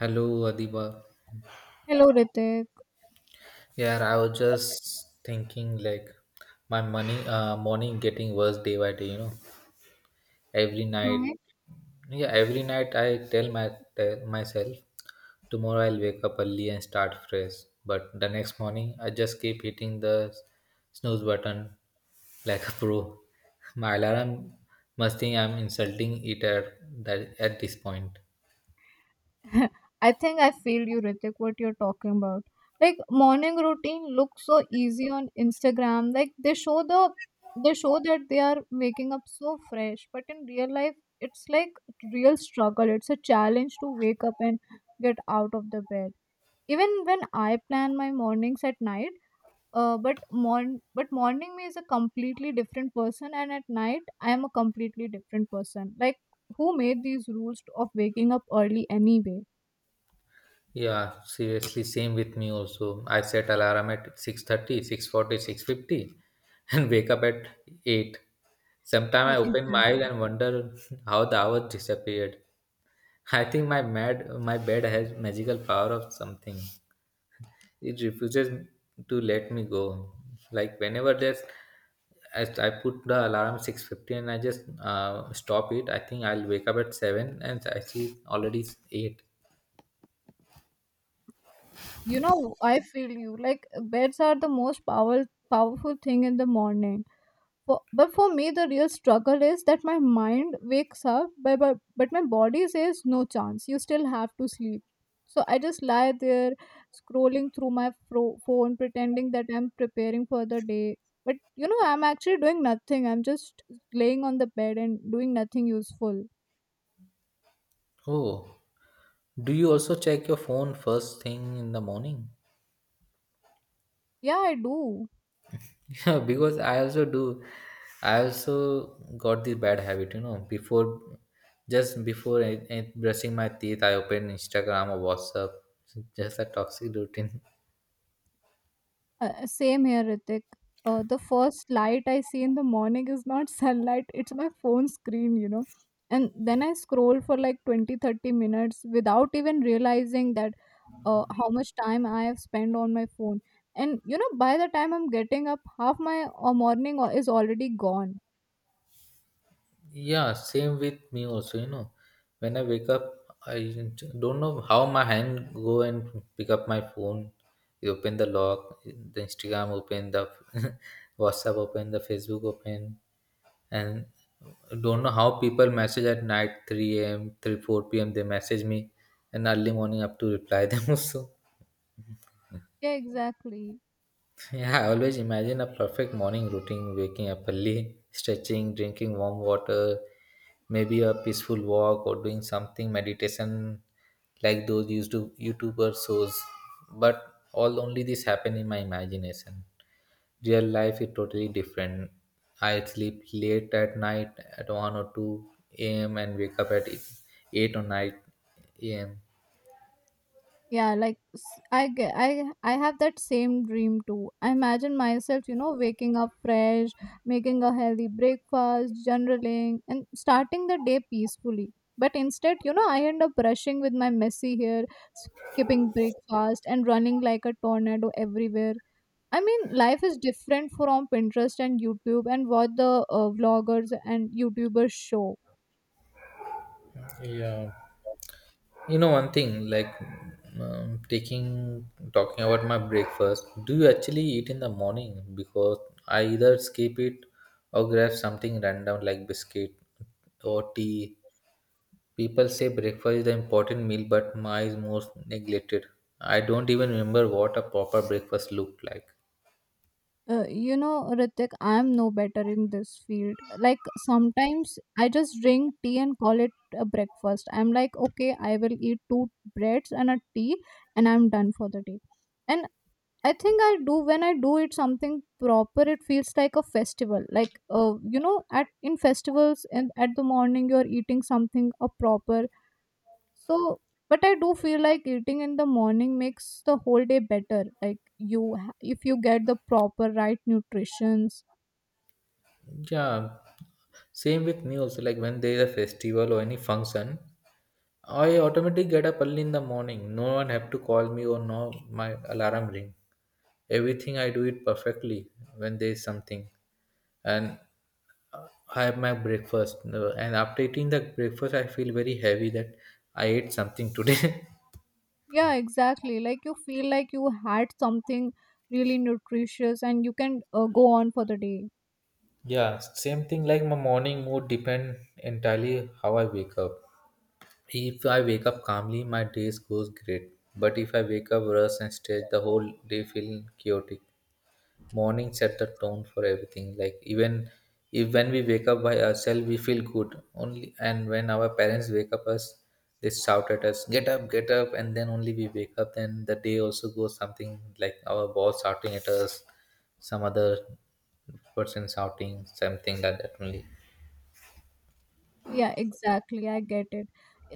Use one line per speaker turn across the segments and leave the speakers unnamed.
Hello, Adiba.
Hello, Ritik.
Yeah, I was just thinking like my money morning getting worse day by day, you know. Every night,
Hi.
yeah, every night I tell my tell myself tomorrow I'll wake up early and start fresh. But the next morning I just keep hitting the snooze button like a pro. My alarm must think I'm insulting it at this point.
I think I feel you, Ritik, what you're talking about. Like morning routine looks so easy on Instagram. Like they show that they are waking up so fresh, but in real life, it's like real struggle. It's a challenge to wake up and get out of the bed. Even when I plan my mornings at night, but morning me is a completely different person, and at night I am a completely different person. Like who made these rules of waking up early anyway?
Yeah, seriously, same with me also. I set alarm at 6:30, 6:40, 6:50 and wake up at 8. Sometimes I open my eyes
Exactly.
and wonder how the hours disappeared. I think my bed has magical power of something. It refuses to let me go. Like whenever there's as I put the alarm 6:50 and I just stop it, I think I'll wake up at 7 and I see already it's 8.
You know, I feel you. Like beds are the powerful thing in the morning. For, but for me, the real struggle is that my mind wakes up, but my body says, no chance, you still have to sleep. So I just lie there scrolling through my phone, pretending that I'm preparing for the day. But you know, I'm actually doing nothing. I'm just laying on the bed and doing nothing useful.
Oh. Do you also check your phone first thing in the morning?
Yeah, I do.
Yeah, because I also do. I also got the bad habit, you know, before just before I brushing my teeth, I open Instagram or WhatsApp. Just a toxic routine.
Same here, Ritik. The first light I see in the morning is not sunlight, it's my phone screen, you know. And then I scroll for like 20, 30 minutes without even realizing that how much time I have spent on my phone. And you know, by the time I'm getting up, half my morning is already gone.
Yeah, same with me also, you know. When I wake up, I don't know how my hand go and pick up my phone. You open the lock, the Instagram open, the WhatsApp open, the Facebook open, and don't know how people message at night 3 a.m., 3 4 p.m. They message me, and early morning up to reply them also.
Yeah, exactly.
Yeah, I always imagine a perfect morning routine waking up early, stretching, drinking warm water, maybe a peaceful walk or doing something meditation like those YouTuber shows. But all only this happen in my imagination. Real life is totally different. I sleep late at night at 1 or 2 a.m. and wake up at 8 or 9 a.m.
yeah like s- I ge- I have that same dream too. I imagine myself, you know, waking up fresh, making a healthy breakfast, journaling, and starting the day peacefully. But instead, you know, I end up rushing with my messy hair, skipping breakfast, and running like a tornado everywhere. I mean, life is different from Pinterest and YouTube and what the vloggers and YouTubers show.
Yeah, you know one thing, like taking talking about my breakfast. Do you actually eat in the morning? Because I either skip it or grab something random like biscuit or tea. People say breakfast is the important meal, but mine is most neglected. I don't even remember what a proper breakfast looked like.
You know, Ritik, I'm no better in this field. Like sometimes I just drink tea and call it a breakfast. I'm like, okay, I will eat two breads and a tea, and I'm done for the day. And I think I do it something proper, it feels like a festival. Like you know, at in festivals and at the morning you're eating something a proper. So, but I do feel like eating in the morning makes the whole day better. Like if you get the proper right nutritions.
Yeah, same with me also. Like when there is a festival or any function, I automatically get up early in the morning. No one have to call me or no my alarm ring. Everything I do it perfectly when there is something, and uh, I have my breakfast. No, and after eating the breakfast, I feel very heavy that I ate something today.
Yeah, exactly. Like you feel like you had something really nutritious and you can go on for the day.
Yeah, same thing. Like my morning mood depend entirely how I wake up. If I wake up calmly, my days goes great. But if I wake up rush and stressed, the whole day feeling chaotic. Morning set the tone for everything, like even if when we wake up by ourselves we feel good only, and when our parents wake up us, they shout at us, get up, get up, and then only we wake up, then the day also goes something like our boss shouting at us, some other person shouting something like that only.
Yeah, exactly. I get it.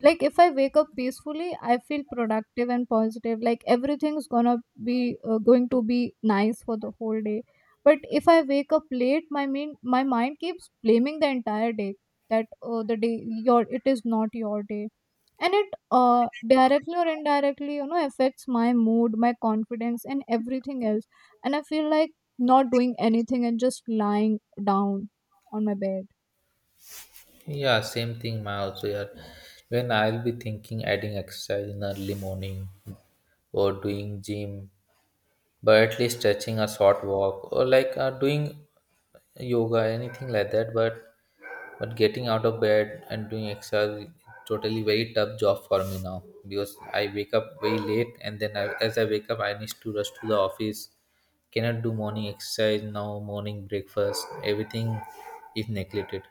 Like if I wake up peacefully, I feel productive and positive. Like everything's gonna be going to be nice for the whole day. But if I wake up late, my mind keeps blaming the entire day that, oh, the day your it is not your day, and it directly or indirectly, you know, affects my mood, my confidence, and everything else. And I feel like not doing anything and just lying down on my bed.
Yeah, same thing my also. Yeah, when I'll be thinking adding exercise in early morning or doing gym, but at least stretching, a short walk, or like doing yoga anything like that, but getting out of bed and doing exercise is totally very tough job for me now, because I wake up very late, and then as I wake up I need to rush to the office, cannot do morning exercise now, morning breakfast, everything is neglected.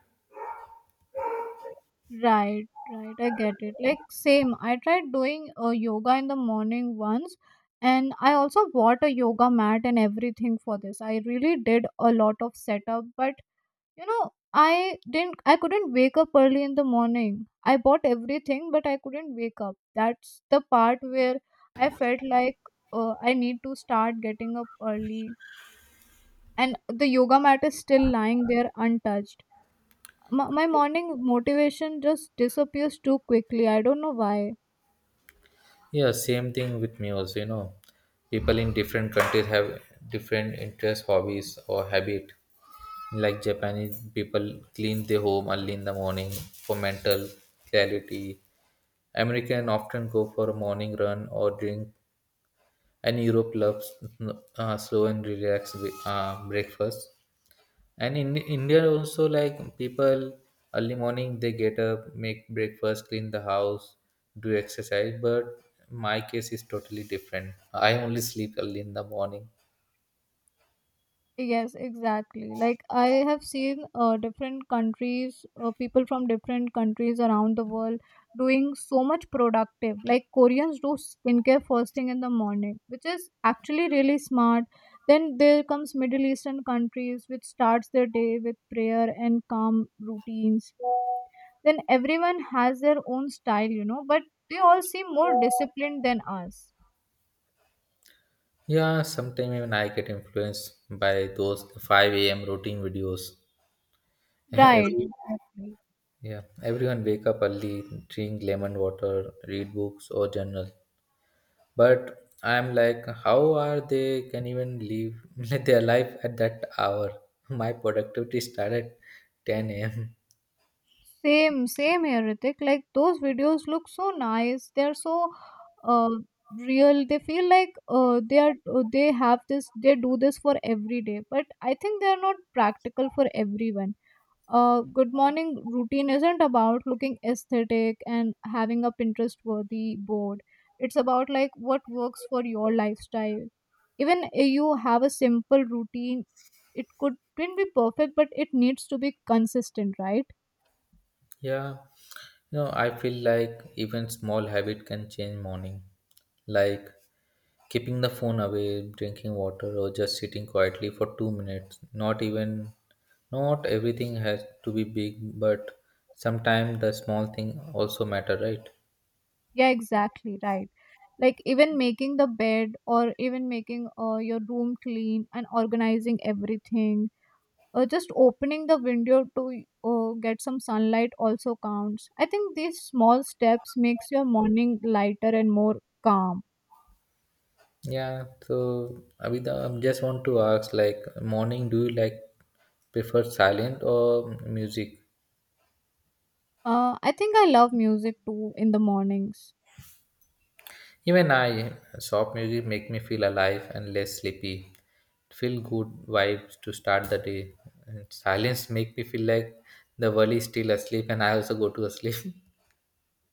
Right, right. I get it. Like same. I tried doing yoga in the morning once, and I also bought a yoga mat and everything for this. I really did a lot of setup, but you know, I didn't. I couldn't wake up early in the morning. I bought everything, but I couldn't wake up. That's the part where I felt like I need to start getting up early. And the yoga mat is still lying there untouched. My morning motivation just disappears too quickly. I don't know why.
Yeah, same thing with me also, you know. People in different countries have different interests, hobbies, or habit. Like Japanese people clean their home early in the morning for mental clarity, American often go for a morning run or drink, and Europe loves slow and relaxed breakfast. And in India also, like people early morning they get up, make breakfast, clean the house, do exercise. But my case is totally different. I only sleep early in the morning.
Yes, exactly. Like I have seen different countries people from different countries around the world doing so much productive. Like Koreans do skincare first thing in the morning, which is actually really smart. Then there comes middle eastern countries, which starts their day with prayer and calm routines. Then everyone has their own style, you know, but they all seem more disciplined than us.
Yeah, sometimes even I get influenced by those 5 a.m. routine videos.
Right,
Every,
exactly.
yeah, everyone wake up early, drink lemon water, read books or journal. But I'm like, how are they can even live their life at that hour? My productivity started at 10 a.m.
Same, same here, Ritik. Like those videos look so nice. They're so uh Real, they feel like they are they have this they do this for every day. But I think they are not practical for everyone. A good morning routine isn't about looking aesthetic and having a Pinterest worthy board. It's about like what works for your lifestyle. Even if you have a simple routine, it could not be perfect, but it needs to be consistent, right?
Yeah, you know, I feel like even small habit can change morning, like keeping the phone away, drinking water, or just sitting quietly for 2 minutes. Not even, not everything has to be big, but sometimes the small thing also matter, right?
Yeah, exactly, right. Like even making the bed, or even making your room clean and organizing everything, just opening the window to get some sunlight also counts. I think these small steps makes your morning lighter and more calm.
Yeah, so Abhida, I just want to ask like morning do you like prefer silent or music?
I think I love music too in the mornings.
Even I, soft music make me feel alive and less sleepy. Feel good vibes to start the day. And silence make me feel like the world is still asleep and I also go to sleep.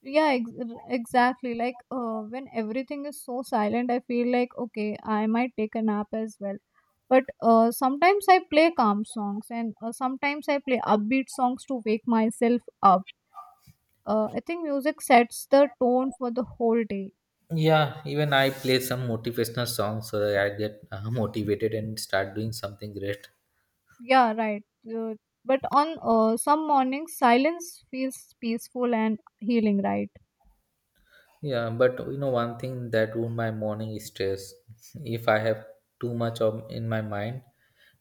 Yeah, exactly. Like when everything is so silent, I feel like, okay, I might take a nap as well. But sometimes I play calm songs and sometimes I play upbeat songs to wake myself up. I think music sets the tone for the whole day.
Yeah, even I play some motivational songs so that I get motivated and start doing something great.
Yeah, right. Uh, but on some mornings, silence feels peaceful and healing, right?
Yeah, but you know, one thing that ruined my morning is stress. If I have too much of in my mind,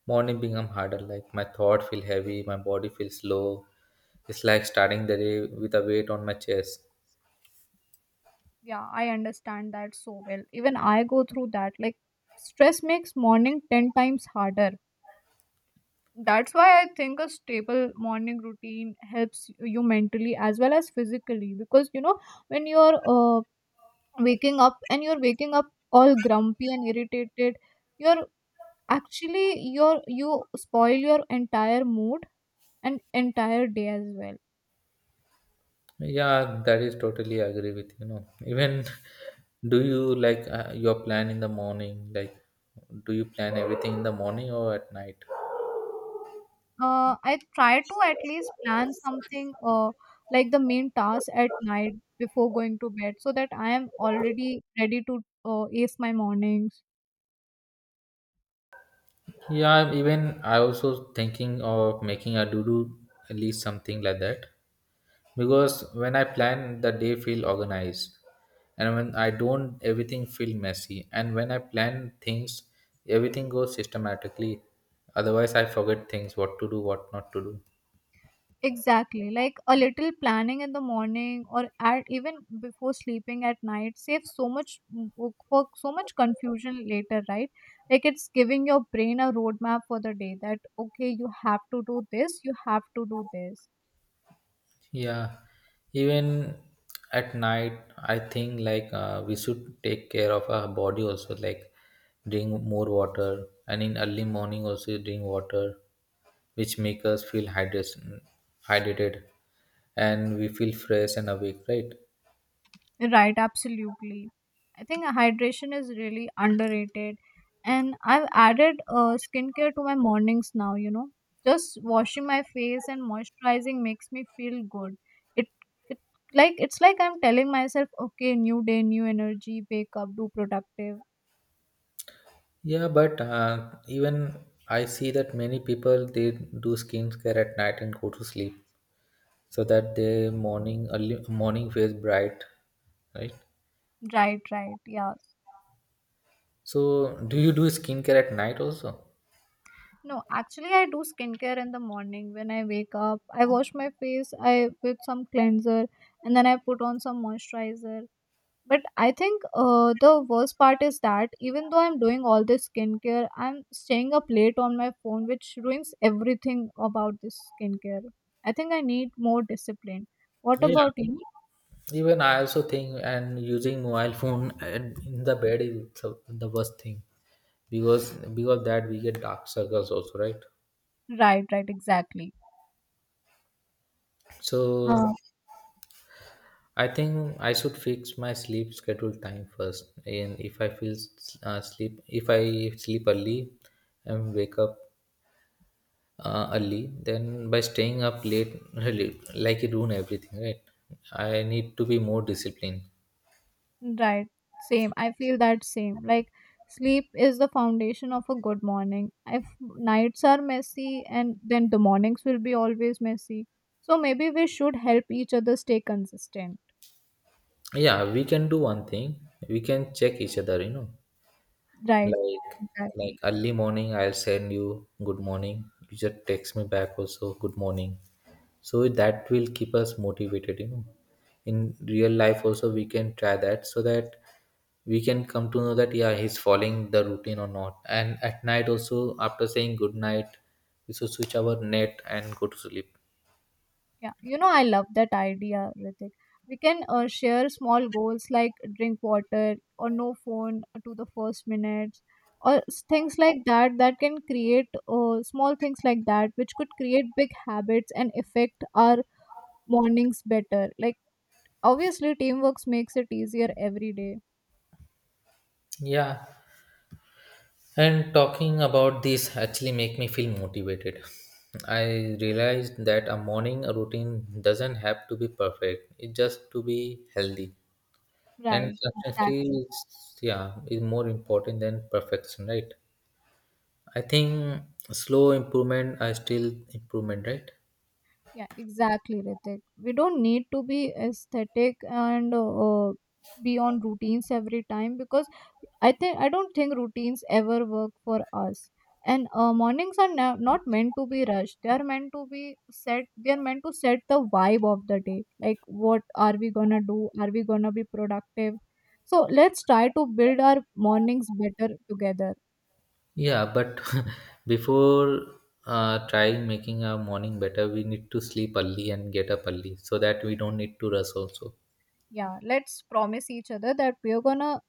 morning become harder. Like my thought feel heavy, my body feels low. It's like starting the day with a weight on my chest.
Yeah, I understand that so well. Even I go through that. Like stress makes morning 10 times harder. That's why I think a stable morning routine helps you mentally as well as physically, because you know, when you're waking up all grumpy and irritated, you're you're you spoil your entire mood and entire day as well.
Yeah, that is totally agree with you know. Even do you like your plan in the morning? Like, do you plan everything in the morning or at night?
I try to at least plan something like the main task at night before going to bed so that I am already ready to ace my mornings.
Yeah, even I also thinking of making a to do list something like that. Because when I plan the day feel organized, and when I don't everything feel messy, and when I plan things everything goes systematically, otherwise I forget things what to do what not to do.
Exactly. Like a little planning in the morning or at even before sleeping at night saves work for so much confusion later, right? Like it's giving your brain a roadmap for the day that, okay, you have to do this, you have to do this.
Yeah, even at night I think like we should take care of our body also, like drink more water, and in early morning also drink water, which make us feel hydration hydrated and we feel fresh and awake, right?
Right, absolutely. I think hydration is really underrated. And I've added skincare to my mornings now, you know. Just washing my face and moisturizing makes me feel good. It, it it's like I'm telling myself, okay, new day, new energy, wake up, do productive.
Yeah, but even I see that many people they do skincare at night and go to sleep so that their morning early morning feels bright, right?
Right, right, yeah.
So do you do skincare at night also?
No, actually I do skincare in the morning when I wake up. I wash my face I with some cleanser, and then I put on some moisturizer. But I think the worst part is that even though I'm doing all this skincare, I'm staying up late on my phone, which ruins everything about this skincare. I think I need more discipline. What
Yeah.
about you?
Even I also think and using mobile phone and in the bed is the worst thing, because of that we get dark circles also, right?
Right, right, exactly.
So
Uh,
I think I should fix my sleep schedule time first. And if I feel sleep, if I sleep early and wake up early, then by staying up late, really, like it ruin everything, right? I need to be more disciplined.
right, same. I feel that same. Like sleep is the foundation of a good morning. If nights are messy, and then the mornings will be always messy. So maybe we should help each other stay consistent.
Yeah, we can do one thing. We can check each other, you know.
Right,
Like like
exactly.
early morning, I'll send you good morning. You just text me back also good morning, so that will keep us motivated, you know. In real life also we can try that, so that we can come to know that yeah he's following the routine or not. And at night also, after saying good night, we should switch our net and go to sleep.
Yeah, you know, I love that idea, Ritik. We can share small goals like drink water or no phone to the first minutes, or things like that, that can create small things like that which could create big habits and affect our mornings better. Like, obviously, teamwork makes it easier every day.
Yeah, and talking about this actually make me feel motivated. I realized that a morning routine doesn't have to be perfect. It just to be healthy. And
Right,
consistency
exactly.
is, yeah, is more important than perfection, right? I think slow improvement are still improvement, right?
Yeah, exactly, Ritik. We don't need to be aesthetic and be on routines every time, because I don't think routines ever work for us. And mornings are not meant to be rushed. They are meant to be set. They are meant to set the vibe of the day. Like, what are we gonna do? Are we gonna be productive? So let's try to build our mornings better together.
Yeah, but before trying making our morning better, we need to sleep early and get up early so that we don't need to rush also.
Yeah, let's promise each other that we're gonna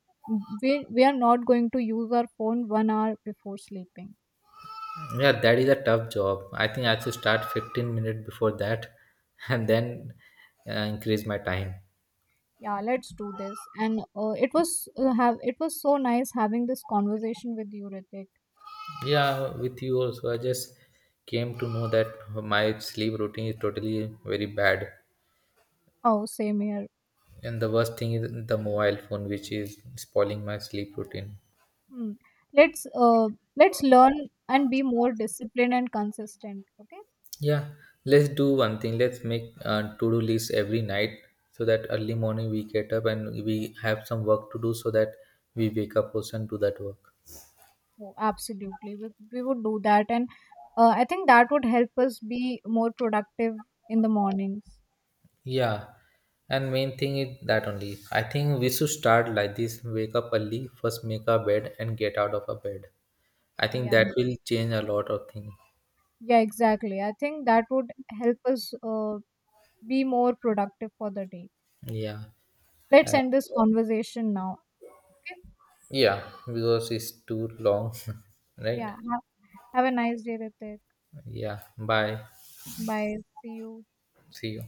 we are not going to use our phone 1 hour before sleeping.
Yeah, that is a tough job. I think I should start 15 minutes before that and then increase my time.
Yeah, let's do this. And it was so nice having this conversation with you, Ritik.
Yeah, with you also, I just came to know that my sleep routine is totally very bad.
Oh, same here.
And the worst thing is the mobile phone, which is spoiling my sleep routine.
Hmm. Let's uh let's learn and be more disciplined and consistent. Okay.
Yeah, let's do one thing. Let's make a to do list every night so that early morning we get up and we have some work to do, so that we wake up also and do that work.
Oh, absolutely. We would do that, and I think that would help us be more productive in the mornings.
Yeah, and main thing is that only. I think we should start like this, wake up early, first make our bed and get out of our bed. I think
Yeah.
that will change a lot of things.
Yeah, exactly. I think that would help us be more productive for the day.
Yeah,
Let's
uh,
end this conversation now. Okay?
yeah, because it's too long, right?
Yeah. Have a nice day, Ritik.
Yeah. Bye.
Bye. See you.
See you.